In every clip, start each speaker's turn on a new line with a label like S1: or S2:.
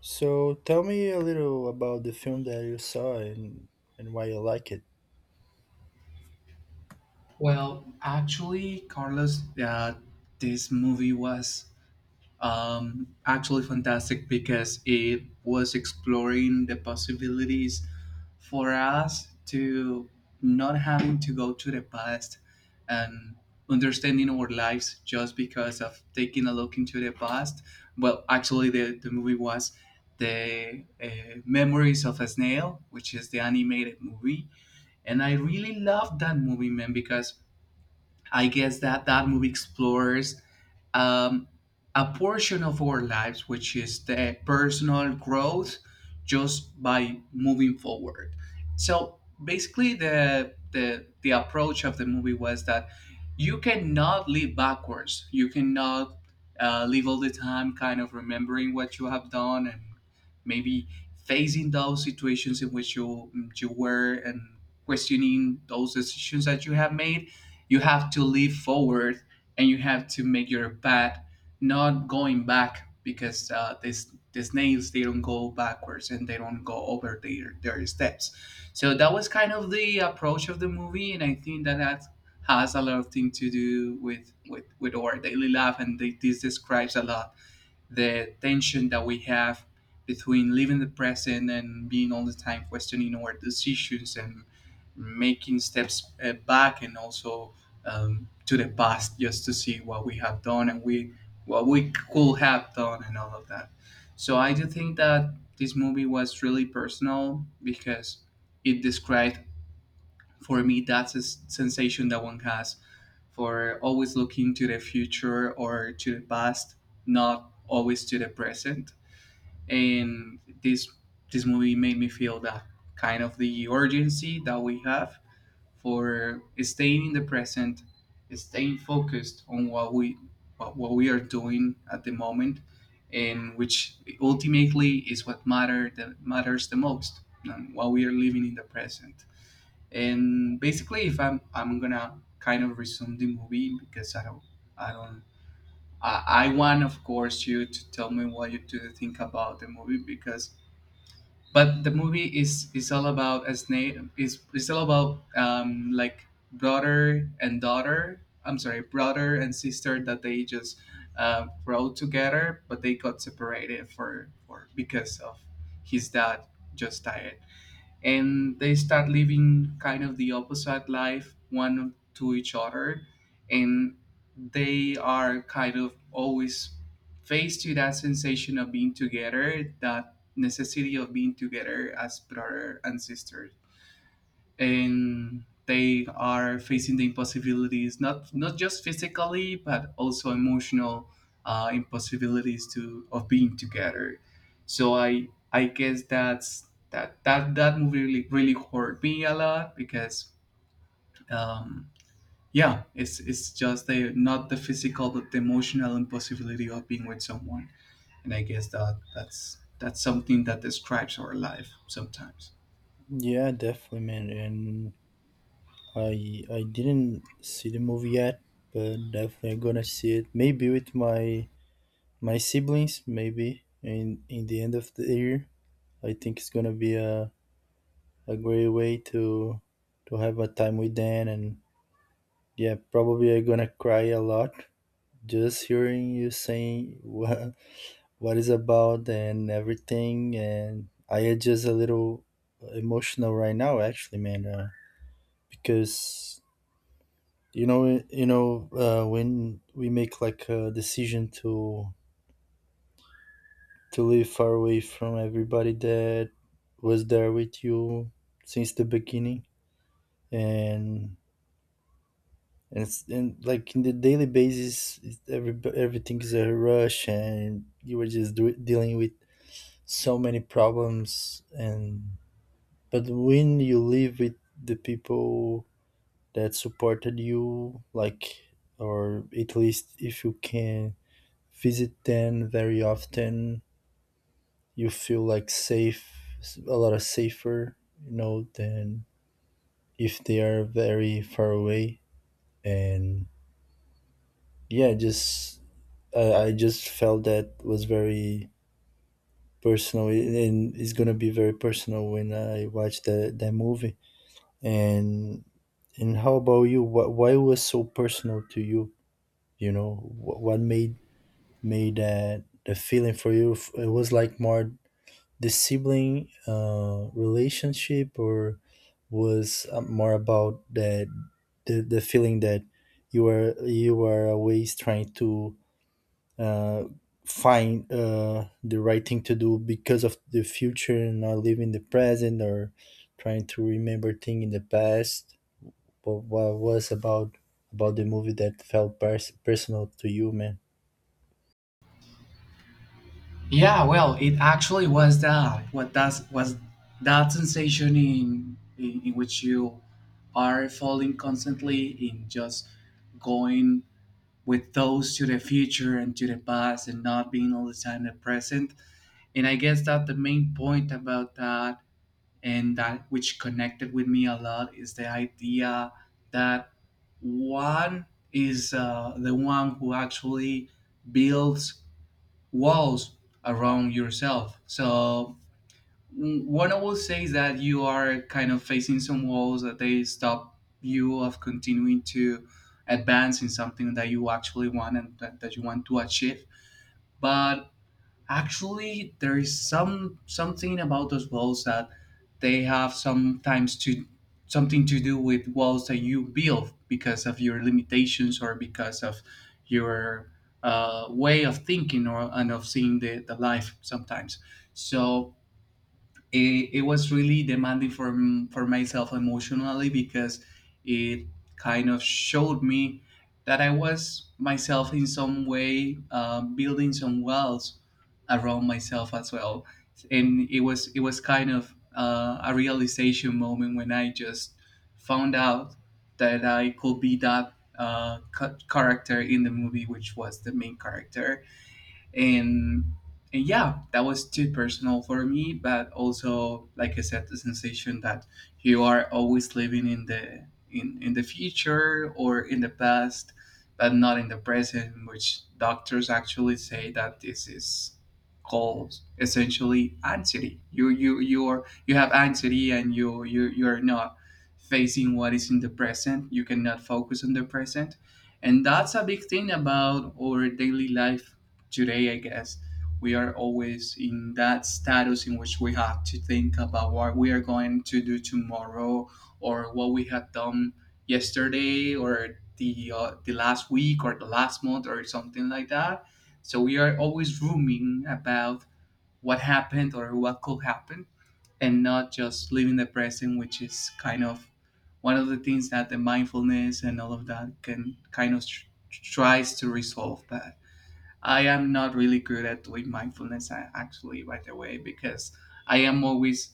S1: So tell me a little about the film that you saw and why you like it.
S2: Well, actually, Carlos, this movie was actually fantastic because it was exploring the possibilities for us to not having to go to the past and understanding our lives just because of taking a look into the past. Well, actually, the movie was the Memories of a Snail, which is the animated movie, and I really loved that movie, man, because I guess that that movie explores um, a portion of our lives, which is the personal growth just by moving forward. So basically, the approach of the movie was that you cannot live backwards. You cannot live all the time kind of remembering what you have done and maybe facing those situations in which you were and questioning those decisions that you have made. You have to leap forward, and you have to make your path, not going back, because this the snails, they don't go backwards and they don't go over their steps. So that was kind of the approach of the movie, and I think that that has a lot of thing to do with with our daily life, and they, this describes a lot the tension that we have between living the present and being all the time questioning our decisions and making steps back, and also to the past just to see what we have done and we what we could have done and all of that. So I do think that this movie was really personal because it described for me that's a sensation that one has for always looking to the future or to the past, not always to the present. And this movie made me feel that kind of the urgency that we have for staying in the present, staying focused on what we what we are doing at the moment, and which ultimately is what matter that matters the most and what we are living in the present. And basically, if I'm gonna kind of resume the movie because I don't I don't I want, of course, you to tell me what you do think about the movie because, but the movie is all about, as Nate is all about, like, brother and daughter, I'm sorry, brother and sister, that they just rode together, but they got separated for because of his dad just died, and they start living kind of the opposite life one to each other, and they are kind of always faced to that sensation of being together, that necessity of being together as brother and sister. And they are facing the impossibilities, not just physically but also emotional impossibilities to of being together. So I guess that's that that that movie really really hurt me a lot because um yeah, it's just the not the physical but the emotional impossibility of being with someone. And I guess that that's something that describes our life sometimes.
S1: Yeah, definitely, man. And I didn't see the movie yet, but definitely I'm gonna see it. Maybe with my siblings, maybe in the end of the year. I think it's gonna be a great way to have a time with them, and yeah, probably I'm gonna cry a lot just hearing you saying what it's about and everything. And I am just a little emotional right now, actually, man, because when we make like a decision to live far away from everybody that was there with you since the beginning, and and it's and like in the daily basis, it's every everything is a rush, and you were just dealing with so many problems and but when you live with the people that supported you, like, or at least if you can visit them very often, you feel like safe, a lot of safer, you know, than if they are very far away. And yeah, just I just felt that was very personal, and it's gonna be very personal when I watch the that movie. And And how about you? What why was so personal to you? You know, what made that the feeling for you? It was like more the sibling relationship, or was more about that the feeling that you are always trying to uh, find the right thing to do because of the future and not living the present or trying to remember thing in the past. But what was about the movie that felt personal to you, man?
S2: Yeah, well, it actually was that what does was that sensation in which you are falling constantly in just going with those to the future and to the past and not being all the time the present. And I guess that the main point about that and that which connected with me a lot is the idea that one is the one who actually builds walls around yourself. So what I will say is that you are kind of facing some walls that they stop you of continuing to advance in something that you actually want, and that you want to achieve. But actually, there is some something about those walls that they have sometimes to something to do with walls that you build because of your limitations or because of your way of thinking or and of seeing the life sometimes. So it was really demanding for for myself emotionally because it kind of showed me that I was myself in some way building some walls around myself as well. And it was kind of a realization moment when I just found out that I could be that character in the movie, which was the main character. and and yeah, that was too personal for me, but also, like I said, the sensation that you are always living in the in the future or in the past but not in the present, which doctors actually say that this is called essentially anxiety. You are, you have anxiety, and you're not facing what is in the present. You cannot focus on the present. And that's a big thing about our daily life today, I guess. We are always in that status in which we have to think about what we are going to do tomorrow or what we had done yesterday or the last week or the last month or something like that. So we are always rooming about what happened or what could happen, and not just living the present, which is kind of one of the things that the mindfulness and all of that can kind of tries to resolve that. I am not really good at doing mindfulness actually, by the way, because I am always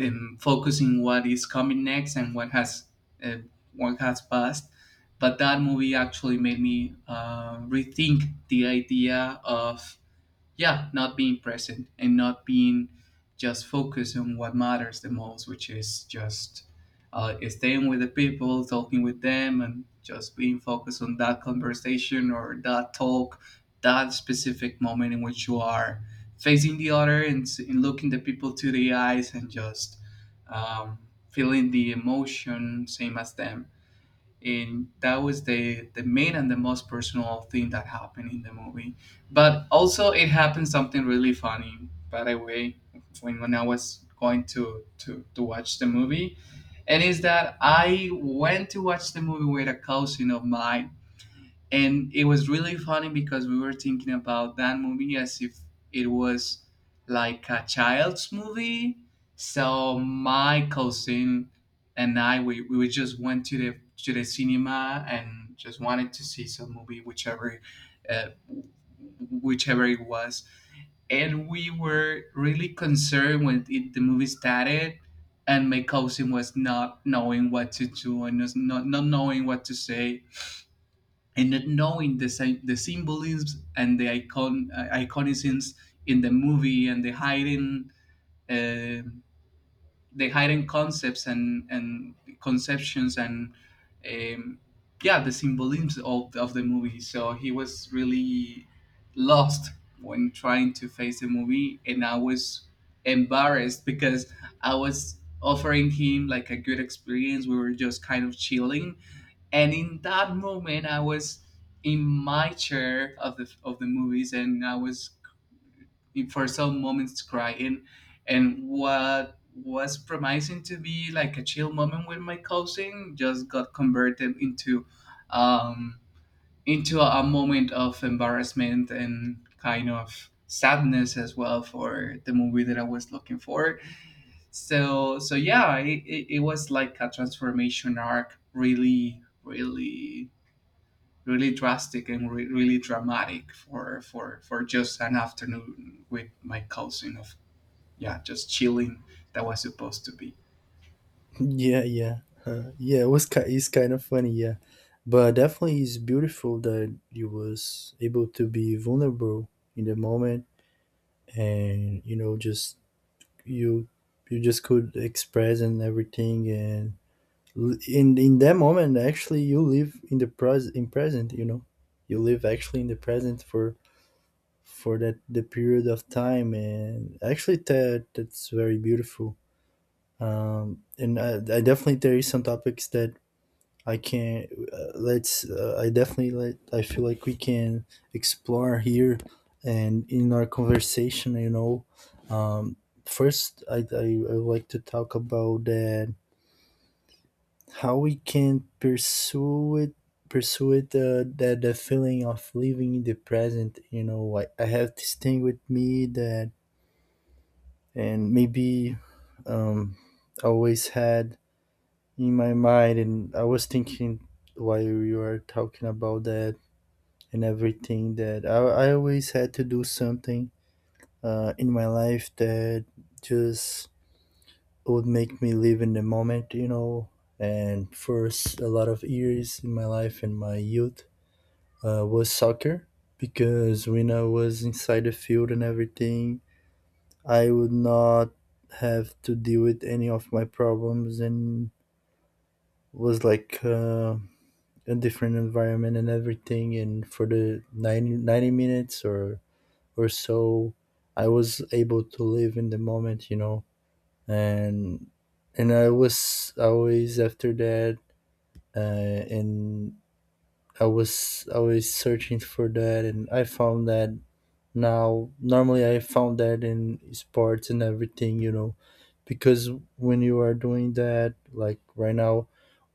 S2: focusing what is coming next and uh, what has passed. But that movie actually made me rethink the idea of yeah, not being present and not being just focused on what matters the most, which is just staying with the people, talking with them, and just being focused on that conversation or that talk, that specific moment in which you are facing the other and, and looking the people to the eyes and just um, feeling the emotion same as them. And that was the main and the most personal thing that happened in the movie. But also it happened something really funny, by the way, when I was going to watch the movie. And is that I went to watch the movie with a cousin of mine, and it was really funny because we were thinking about that movie as if it was like a child's movie. So my cousin and I, we just went to the cinema and just wanted to see some movie, whichever uh, whichever it was. And we were really concerned when it, the movie started, and my cousin was not knowing what to do and was not knowing what to say and not knowing the the symbolisms and the icon iconicisms in the movie and uh, the hidden concepts and conceptions and um, yeah, the symbolisms of the movie. So he was really lost when trying to face the movie, and I was embarrassed because I was offering him like a good experience. We were just kind of chilling, and in that moment I was in my chair of the movies, and I was for some moments crying. And what was promising to be like a chill moment with my cousin just got converted um into a moment of embarrassment and kind of sadness as well for the movie that I was looking for. So so yeah, it was like a transformation arc, really really really drastic and really dramatic for just an afternoon with my cousin of yeah, just chilling, that was supposed to be.
S1: Yeah, yeah, yeah. It was it's kind of funny, yeah, but definitely it's beautiful that you was able to be vulnerable in the moment, and you know, just you you just could express and everything, and in that moment, actually, you live in the present, you know, you live actually in the present for that the period of time, and actually that that's very beautiful. And I definitely there is some topics that I can let's I definitely let I feel like we can explore here and in our conversation, you know. um first I would like to talk about that, how we can pursue it, that the feeling of living in the present. You know, I have this thing with me that, and maybe um, I always had in my mind, and I was thinking while you were talking about that and everything, that I always had to do something in my life that just would make me live in the moment, you know. And first, a lot of years in my life and my youth was soccer because when I was inside the field and everything, I would not have to deal with any of my problems, and was like a different environment and everything. And for the 90 90 minutes, or so, I was able to live in the moment, you know, and and I was always after that, and I was always searching for that, and I found that. Now, normally I found that in sports and everything, you know, because when you are doing that, like right now,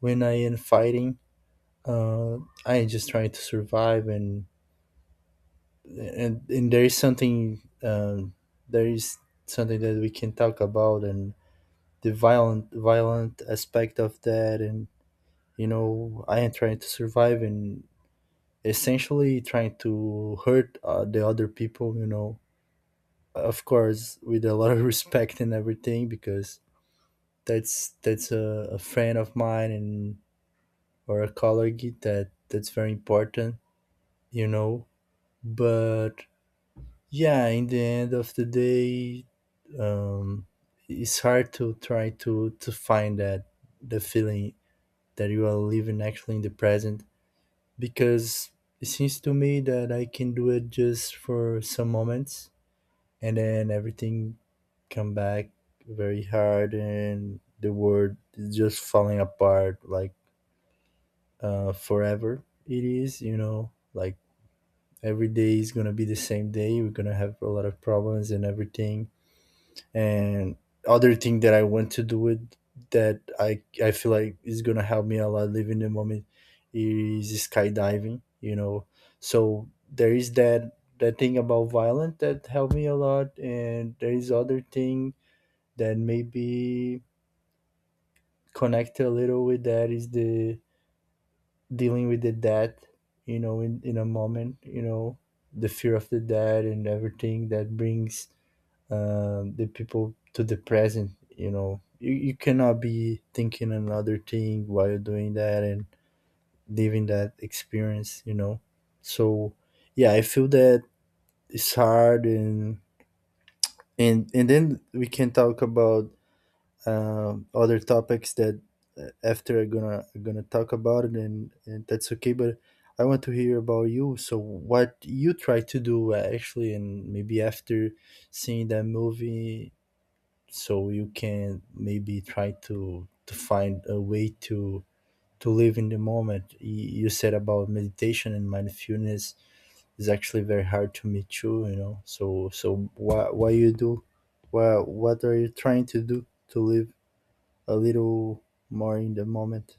S1: when I am fighting, uh, I am just trying to survive, and and there is something that we can talk about, and the violent aspect of that, and you know, I am trying to survive and essentially trying to hurt the other people, you know, of course with a lot of respect and everything, because that's a friend of mine and or a colleague that that's very important, you know. But yeah, in the end of the day, um it's hard to try to find that the feeling that you are living actually in the present, because it seems to me that I can do it just for some moments, and then everything come back very hard and the world is just falling apart, like forever it is, you know. Like every day is gonna be the same day, we're gonna have a lot of problems and everything, and other thing that I want to do with that I feel like is gonna help me a lot living the moment is skydiving, you know. So there is that that thing about violent that helped me a lot, and there is other thing that maybe connected a little with that, is the dealing with the death, you know, in a moment, you know, the fear of the dead and everything that brings the people to the present. You know, you cannot be thinking another thing while you're doing that and living that experience, you know. So yeah, I feel that it's hard, and and then we can talk about other topics that after are gonna talk about it, and that's okay. But I want to hear about you, so what you try to do, actually, and maybe after seeing that movie, so you can maybe try to find a way to live in the moment. You said about meditation and mindfulness is actually very hard to meet you. You know, so so what you do, what are you trying to do to live a little more in the moment?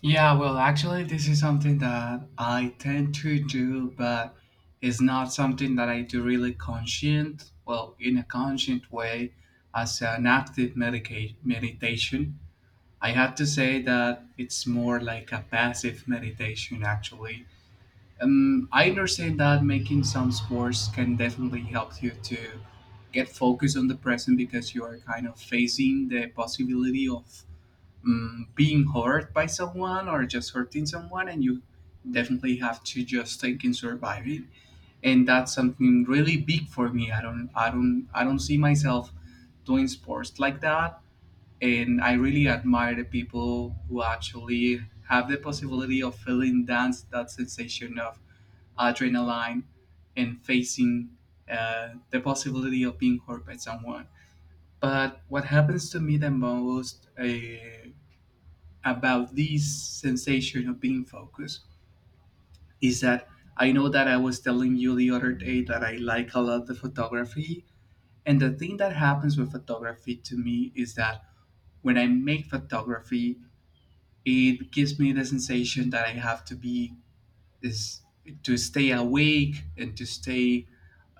S2: Yeah, well, actually, this is something that I tend to do, but it's not something that I do really conscient, well, in a conscient way, as an active meditation. I have to say that it's more like a passive meditation, actually. I understand that making some sports can definitely help you to get focused on the present because you are kind of facing the possibility of being hurt by someone or just hurting someone, and you definitely have to just take in surviving. And that's something really big for me. I don't see myself doing sports like that. And I really admire the people who actually have the possibility of feeling dance that sensation of adrenaline and facing the possibility of being hurt by someone. But what happens to me the most about this sensation of being focused is that I know that I was telling you the other day that I like a lot the photography. And the thing that happens with photography to me is that when I make photography, it gives me the sensation that I have to be, is to stay awake and to stay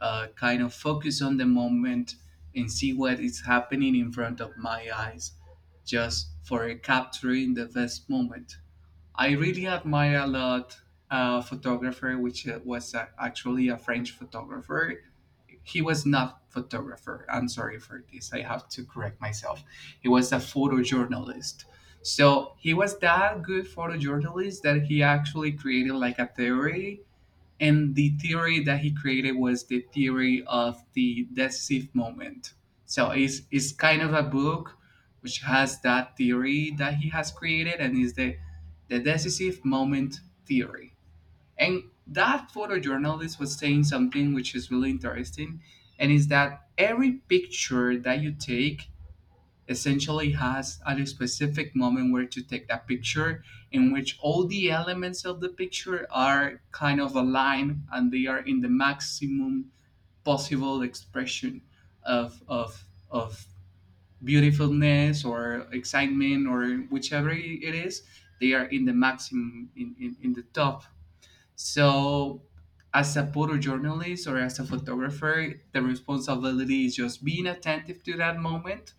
S2: kind of focus on the moment, and see what is happening in front of my eyes just for capturing the best moment. I really admire a lot a photographer which was actually a French photographer. He was not photographer. I'm sorry for this. I have to correct myself. He was a photojournalist. So he was that good photojournalist that he actually created like a theory, and the theory that he created was the theory of the decisive moment. So it's kind of a book which has that theory that he has created, and is the decisive moment theory. And that photojournalist was saying something which is really interesting, and is that every picture that you take essentially has at a specific moment where to take that picture, in which all the elements of the picture are kind of aligned, and they are in the maximum possible expression of of of beautifulness or excitement or whichever it is. They are in the maximum in the top. So, as a photojournalist or as a photographer, the responsibility is just being attentive to that moment,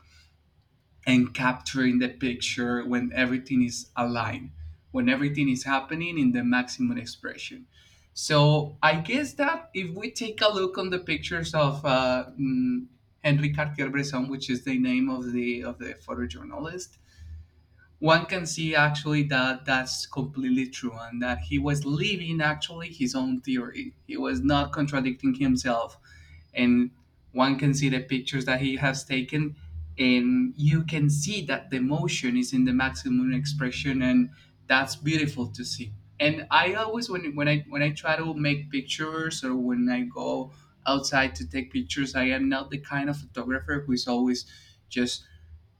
S2: and capturing the picture when everything is aligned, when everything is happening in the maximum expression. So, I guess that if we take a look on the pictures of Henri Cartier-Bresson, which is the name of the photojournalist, one can see actually that that's completely true, and that he was living actually his own theory. He was not contradicting himself. And one can see the pictures that he has taken, and you can see that the emotion is in the maximum expression, and that's beautiful to see. And I always when I try to make pictures, or when I go outside to take pictures, I am not the kind of photographer who is always just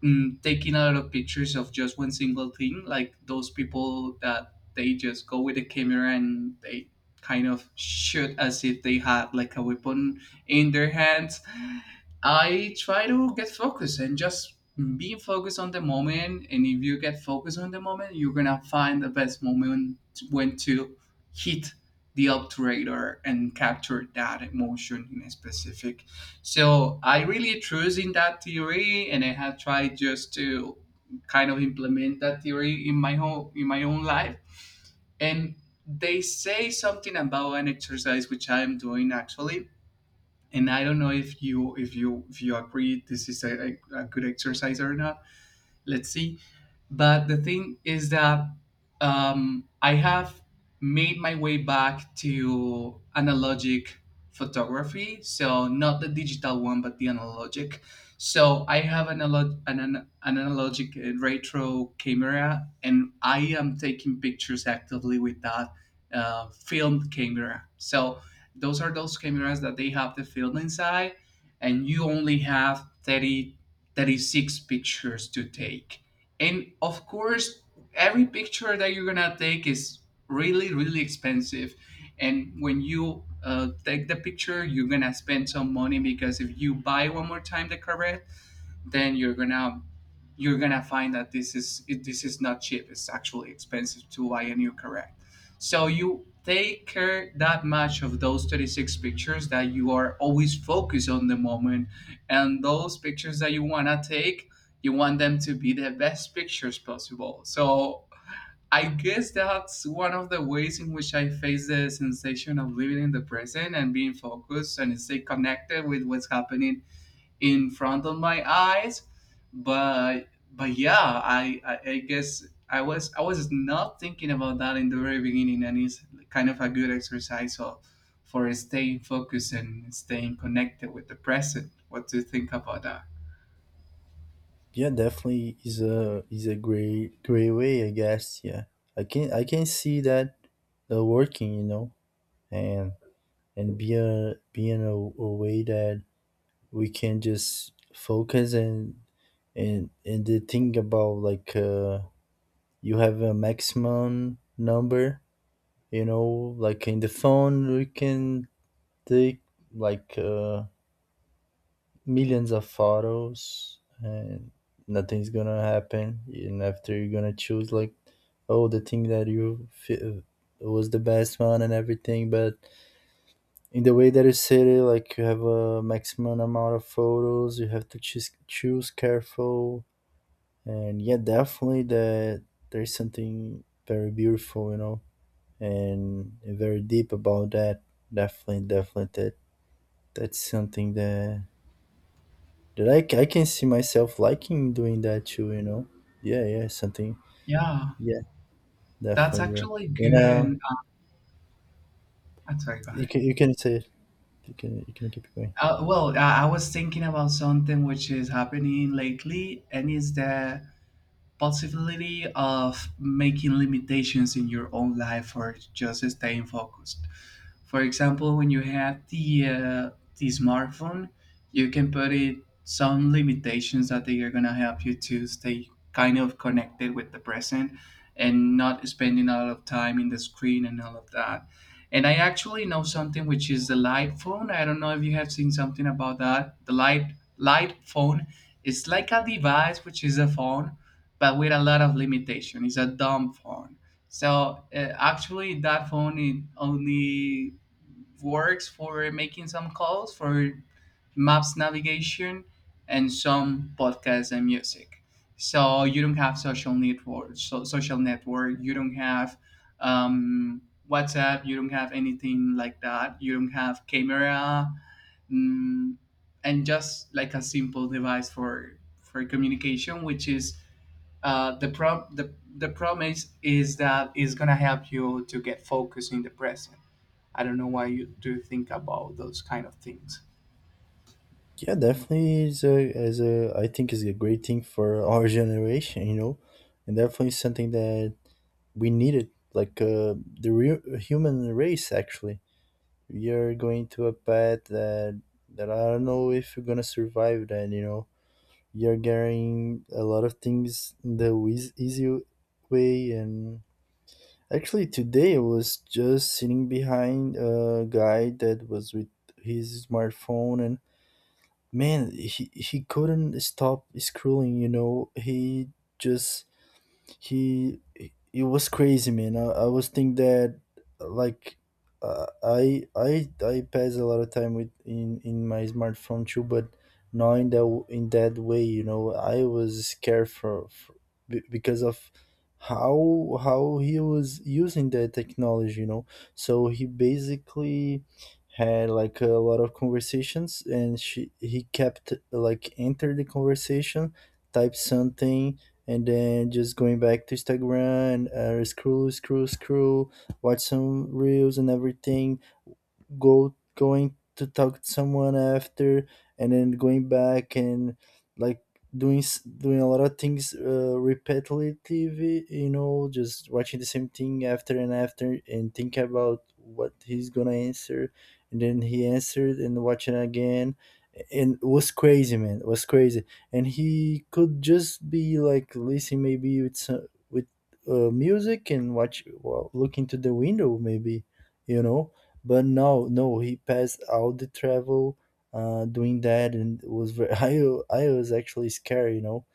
S2: taking a lot of pictures of just one single thing, like those people that they just go with a camera and they kind of shoot as if they had like a weapon in their hands. I try to get focused and just being focused on the moment. And if you get focused on the moment, you're gonna find the best moment when to hit the obturator and capture that emotion in a specific. So I really trust in that theory, and I have tried just to kind of implement that theory in my whole in my own life. And they say something about an exercise which I am doing actually, and I don't know if you agree this is a good exercise or not. Let's see, but the thing is that I have made my way back to analogic photography. So not the digital one, but the analogic. So I have an analogic retro camera, and I am taking pictures actively with that filmed camera. So those are those cameras that they have the film inside, and you only have thirty six pictures to take. And of course, every picture that you're gonna take is really, really expensive. And when you take the picture, you're gonna spend some money, because if you buy one more time the cover, then you're gonna find that this is it, this is not cheap. It's actually expensive to buy a new correct. So you take care that much of those 36 pictures that you are always focused on the moment, and those pictures that you wanna take, you want them to be the best pictures possible. So I guess that's one of the ways in which I face the sensation of living in the present and being focused and stay connected with what's happening in front of my eyes. But yeah, I guess I was not thinking about that in the very beginning, and it's kind of a good exercise of, for staying focused and staying connected with the present. What do you think about that?
S1: Yeah, definitely is a great way, I guess. Yeah, I can see that working, you know, and and be a being a way that we can just focus. And and the thing about like you have a maximum number, you know, like in the phone we can take like millions of photos, and nothing's gonna happen, and after you're gonna choose like, oh, the thing that you feel was the best one and everything. But in the way that you said it, like you have a maximum amount of photos, you have to choose careful. And yeah, definitely that there's something very beautiful, you know, and very deep about that. Definitely that that's something that. That I can see myself liking doing that too, you know? Yeah, yeah, something.
S2: Yeah.
S1: Yeah,
S2: That's
S1: definitely, bro.
S2: actually
S1: You
S2: good. And
S1: know,
S2: I'm sorry, go ahead.
S1: you can say it. You can keep going.
S2: Well, I was thinking about something which is happening lately, and is that possibility of making limitations in your own life or just staying focused. For example, when you have the smartphone, you can put it some limitations that they are gonna help you to stay kind of connected with the present, and not spending a lot of time in the screen and all of that. And I actually know something which is the light phone. I don't know if you have seen something about that. The light phone is like a device which is a phone but with a lot of limitation. It's a dumb phone. So actually, that phone it only works for making some calls, for maps navigation, and some podcasts and music. So you don't have social network, so social network. You don't have um, WhatsApp. You don't have anything like that. You don't have camera, mm, and just like a simple device for communication, which is the problem is that it's gonna help you to get focused in the present. I don't know why you do think about those kind of things.
S1: Yeah, definitely is a as a, I think, is a great thing for our generation, you know, and definitely something that we needed, like the real human race. Actually, we are going to a path that that I don't know if we're gonna survive then, you know. You're getting a lot of things the easy way. And actually today I was just sitting behind a guy that was with his smartphone, and man, he couldn't stop scrolling, you know. He just he it was crazy, man. I was think that, like I pass a lot of time with in my smartphone too, but not in that in that way, you know. I was scared for because of how he was using that technology, you know. So he basically had like a lot of conversations, and she he kept like enter the conversation, type something, and then just going back to Instagram, scroll, scroll, scroll, watch some reels and everything, go going to talk to someone after, and then going back, and like doing doing a lot of things repetitively, you know, just watching the same thing after and after, and think about what he's gonna answer, and then he answered and watching again. And it was crazy, man, it was crazy. And he could just be like listening, maybe with with music, and looking to the window maybe, you know. But no, no, he passed all the travel doing that, and it was very, I was actually scared, you know.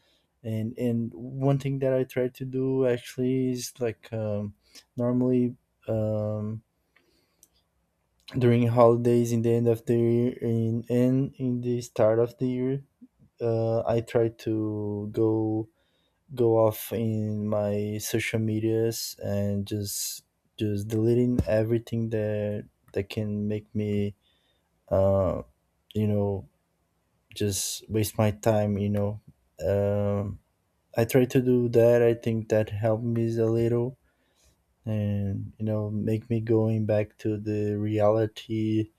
S1: And one thing that I try to do actually is like normally um, during holidays in the end of the year in and in the start of the year, I try to go off in my social medias, and just deleting everything that that can make me uh, you know, just waste my time, you know. Um, I try to do that. I think that helped me a little, and, you know, make me going back to the reality.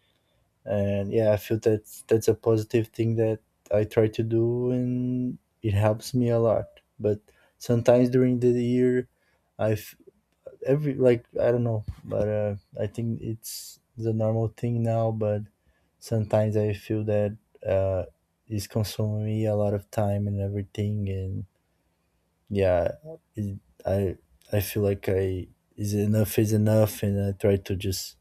S1: And yeah, I feel that's a positive thing that I try to do, and it helps me a lot. But sometimes during the year, I f- every like I don't know, but I think it's the normal thing now. But sometimes I feel that uh, it's consuming me a lot of time and everything, and yeah, it, I I feel like I is enough, and I try to just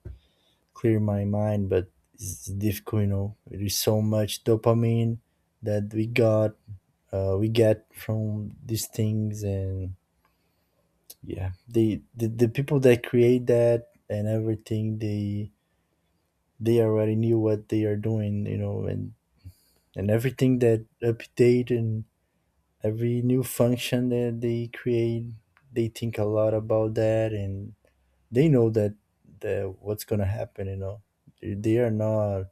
S1: clear my mind, but it's difficult, you know. It is so much dopamine that we got, we get from these things, and yeah, the people that create that and everything they already knew what they are doing, you know, and everything that update and every new function that they create, they think a lot about that and they know that that what's gonna happen, you know. They are not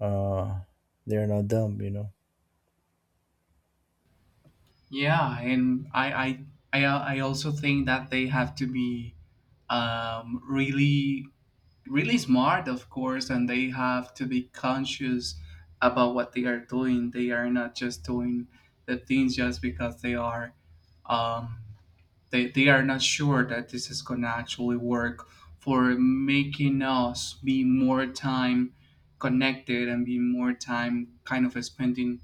S1: uh they are not dumb, you know.
S2: Yeah, and I also think that they have to be really really smart, of course, and they have to be conscious about what they are doing. They are not just doing the things just because they are. Um, they are not sure that this is going to actually work for making us be more time connected and be more time kind of spending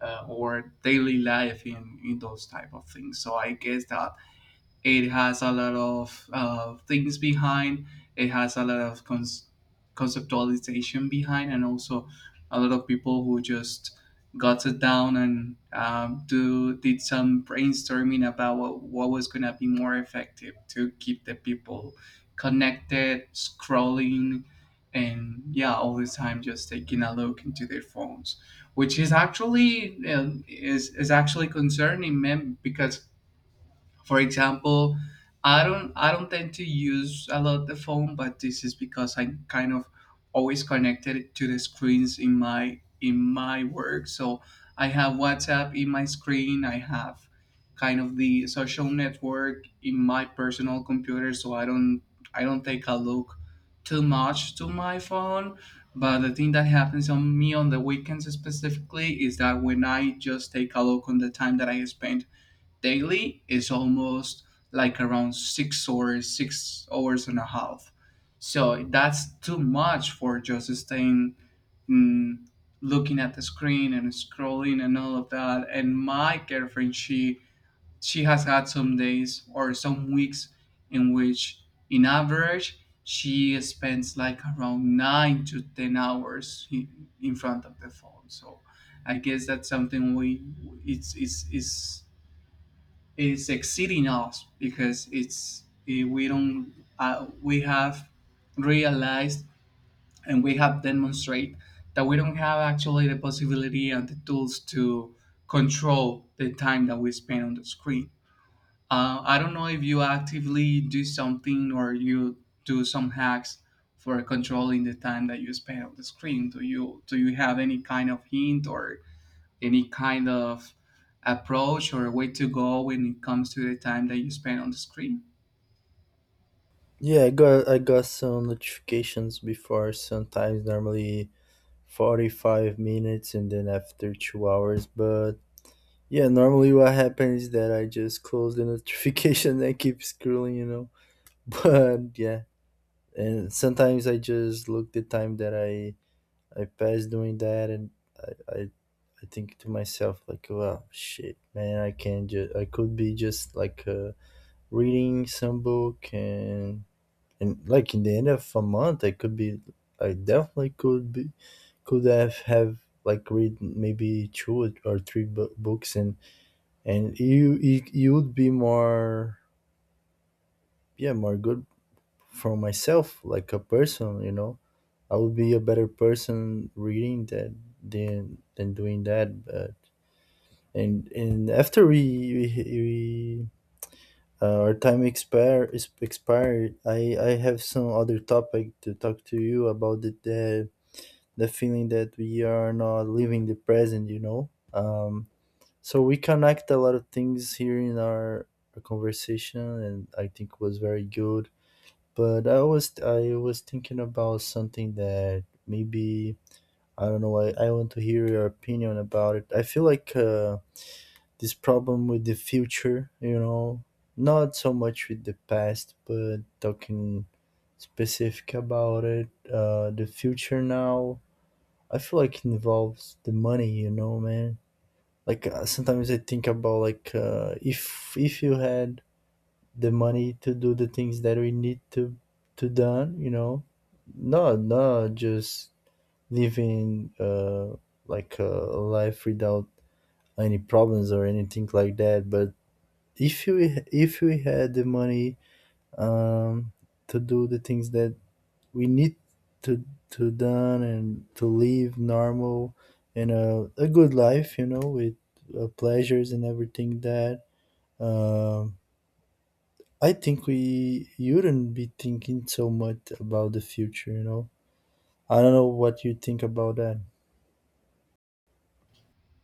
S2: our daily life in those type of things. So I guess that it has a lot of things behind. It has a lot of conceptualization behind, and also a lot of people who just got it down and do did some brainstorming about what was gonna be more effective to keep the people connected, scrolling, and yeah, all the time just taking a look into their phones, which is actually concerning, man, because for example, I don't tend to use a lot the phone, but this is because I'm kind of always connected to the screens in my work. So I have WhatsApp in my screen. I have kind of the social network in my personal computer. So I don't take a look too much to my phone. But the thing that happens on me on the weekends specifically is that when I just take a look on the time that I spend daily is almost like around 6 hours, 6 hours and a half. So that's too much for just staying mm, looking at the screen and scrolling and all of that. And my girlfriend, she has had some days or some weeks in which, in average, she spends like around 9 to 10 hours in front of the phone. So I guess that's something we it's is exceeding us, because it's eh, we don't we have realized and we have demonstrated that we don't have actually the possibility and the tools to control the time that we spend on the screen. I don't know if you actively do something or you do some hacks for controlling the time that you spend on the screen. Do you have any kind of hint or any kind of approach or way to go when it comes to the time that you spend on the screen?
S1: Yeah, I got some notifications before, sometimes normally 45 minutes and then after 2 hours. But yeah, normally what happens is that I just close the notification and keep scrolling, you know. But yeah, and sometimes I just look the time that I pass doing that, and I I, I think to myself like, wow, shit, man, I could be just like reading some book and like in the end of a month, I definitely could be could have like read maybe two or three books. And you would be more yeah more good for myself like a person, you know. I would be a better person reading that than doing that. But and after we our time expire is expired. I have some other topic to talk to you about the feeling that we are not living the present, you know. Um, so we connect a lot of things here in our conversation, and I think was very good. But I was thinking about something that maybe I don't know. I want to hear your opinion about it. I feel like this problem with the future, you know, not so much with the past, but talking specific about it. The future now, I feel like involves the money, you know, man, like sometimes I think about like if you had the money to do the things that we need to done, you know, no no just living like a life without any problems or anything like that. But if you if we had the money um to do the things that we need to to done and to live normal and a good life, you know, with pleasures and everything that um, I think we you wouldn't be thinking so much about the future, you know. I don't know what you think about that.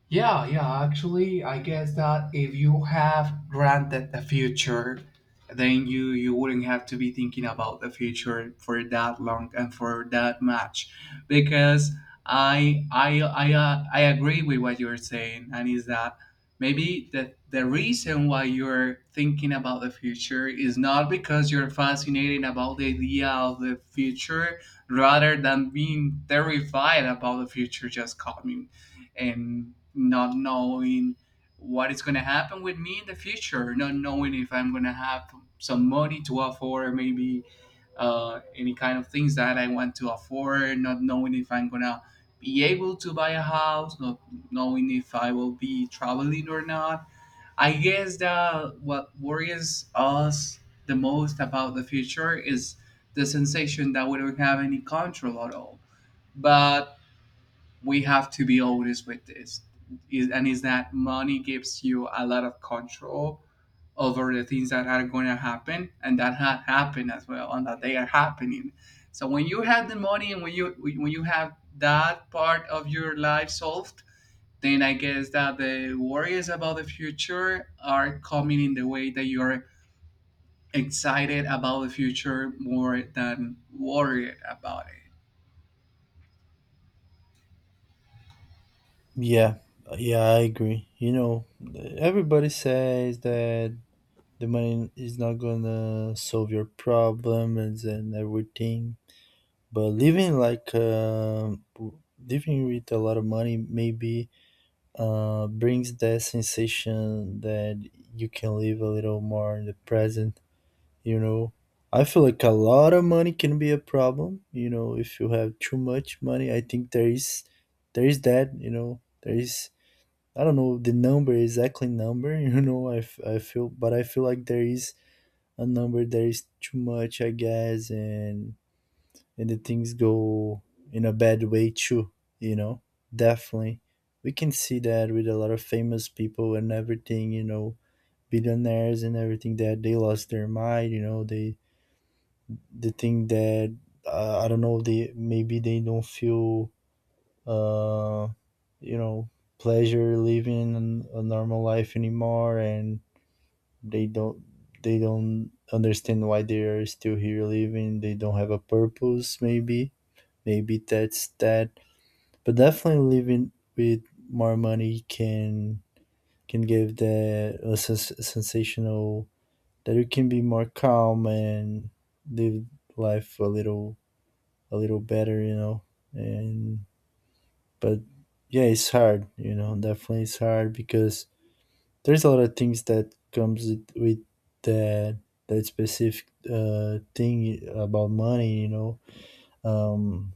S2: Yeah, yeah, actually, I guess that if you have granted the future, then you wouldn't have to be thinking about the future for that long and for that much, because I agree with what you're saying, and is that maybe the reason why you're thinking about the future is not because you're fascinated about the idea of the future, rather than being terrified about the future just coming, and not knowing what is going to happen with me in the future, not knowing if I'm going to have some money to afford, maybe any kind of things that I want to afford, not knowing if I'm going to be able to buy a house, not knowing if I will be traveling or not. I guess that what worries us the most about the future is the sensation that we don't have any control at all. But we have to be always with this is, and is that money gives you a lot of control over the things that are going to happen and that had happened as well and that they are happening. So when you have the money, and when you have that part of your life solved, then I guess that the worries about the future are coming in the way that you're excited about the future more than worried about it.
S1: Yeah, yeah, I agree. You know, everybody says that the money is not gonna solve your problems and everything, but living like living with a lot of money maybe brings that sensation that you can live a little more in the present. You know, I feel like a lot of money can be a problem. You know, if you have too much money, I think there is that. You know, there is I don't know the number exactly number. You know, I feel, but I feel like there is a number that is too much, I guess, and the things go in a bad way too. You know, definitely we can see that with a lot of famous people and everything. You know, billionaires and everything that they lost their mind. You know, they the thing that I don't know, they maybe they don't feel uh, you know, pleasure living a normal life anymore. And they don't they don't understand why they are still here living. They don't have a purpose, maybe. Maybe that's that. But definitely living with more money can give the a sensational that you can be more calm and live life a little better, you know. And but yeah, it's hard, you know. Definitely, it's hard because there's a lot of things that comes with that that specific thing about money, you know. Um,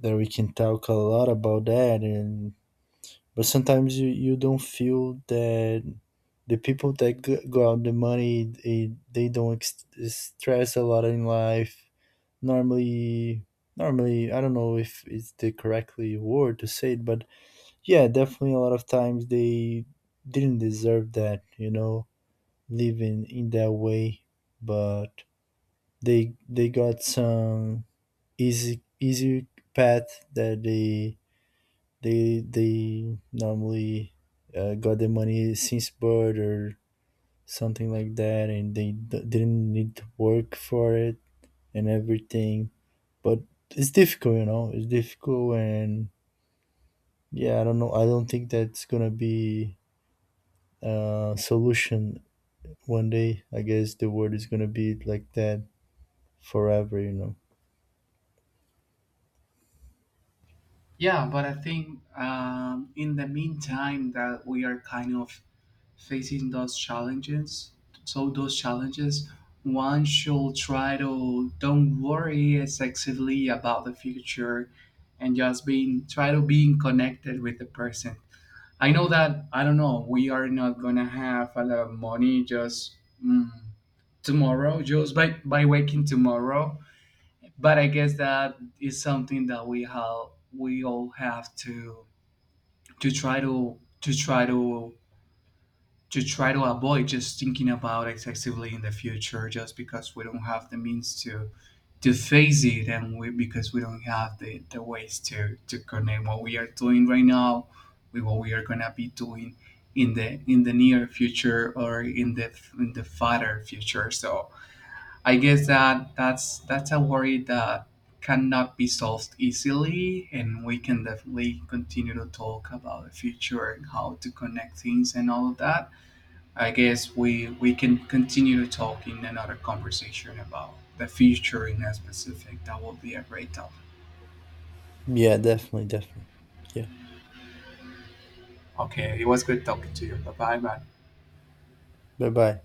S1: that we can talk a lot about that, and but sometimes you don't feel that the people that go out the money they don't stress a lot in life normally. Normally I don't know if it's the correctly word to say it, but yeah, definitely a lot of times they didn't deserve that, you know, living in that way. But they got some easy easy path that they normally got the money since birth or something like that, and they didn't need to work for it and everything. But it's difficult, you know. It's difficult, and yeah, I don't know. I don't think that's gonna be a solution one day. I guess the world is gonna be like that forever, you know.
S2: Yeah, but I think in the meantime that we are kind of facing those challenges. So those challenges, one should try to don't worry excessively about the future, and just being try to being connected with the person. I know that I don't know. We are not gonna have a lot of money just mm, tomorrow, just by waking tomorrow. But I guess that is something that we all have to try to try to try to avoid just thinking about excessively in the future, just because we don't have the means to face it, and we because we don't have the ways to connect what we are doing right now with what we are gonna be doing in the near future, or in the farther future. So I guess that that's a worry that cannot be solved easily, and we can definitely continue to talk about the future and how to connect things and all of that. I guess we can continue to talk in another conversation about the future in a specific. That will be a great topic.
S1: Yeah, definitely, definitely. Yeah.
S2: Okay, it was good talking to you. Bye bye.
S1: Bye bye.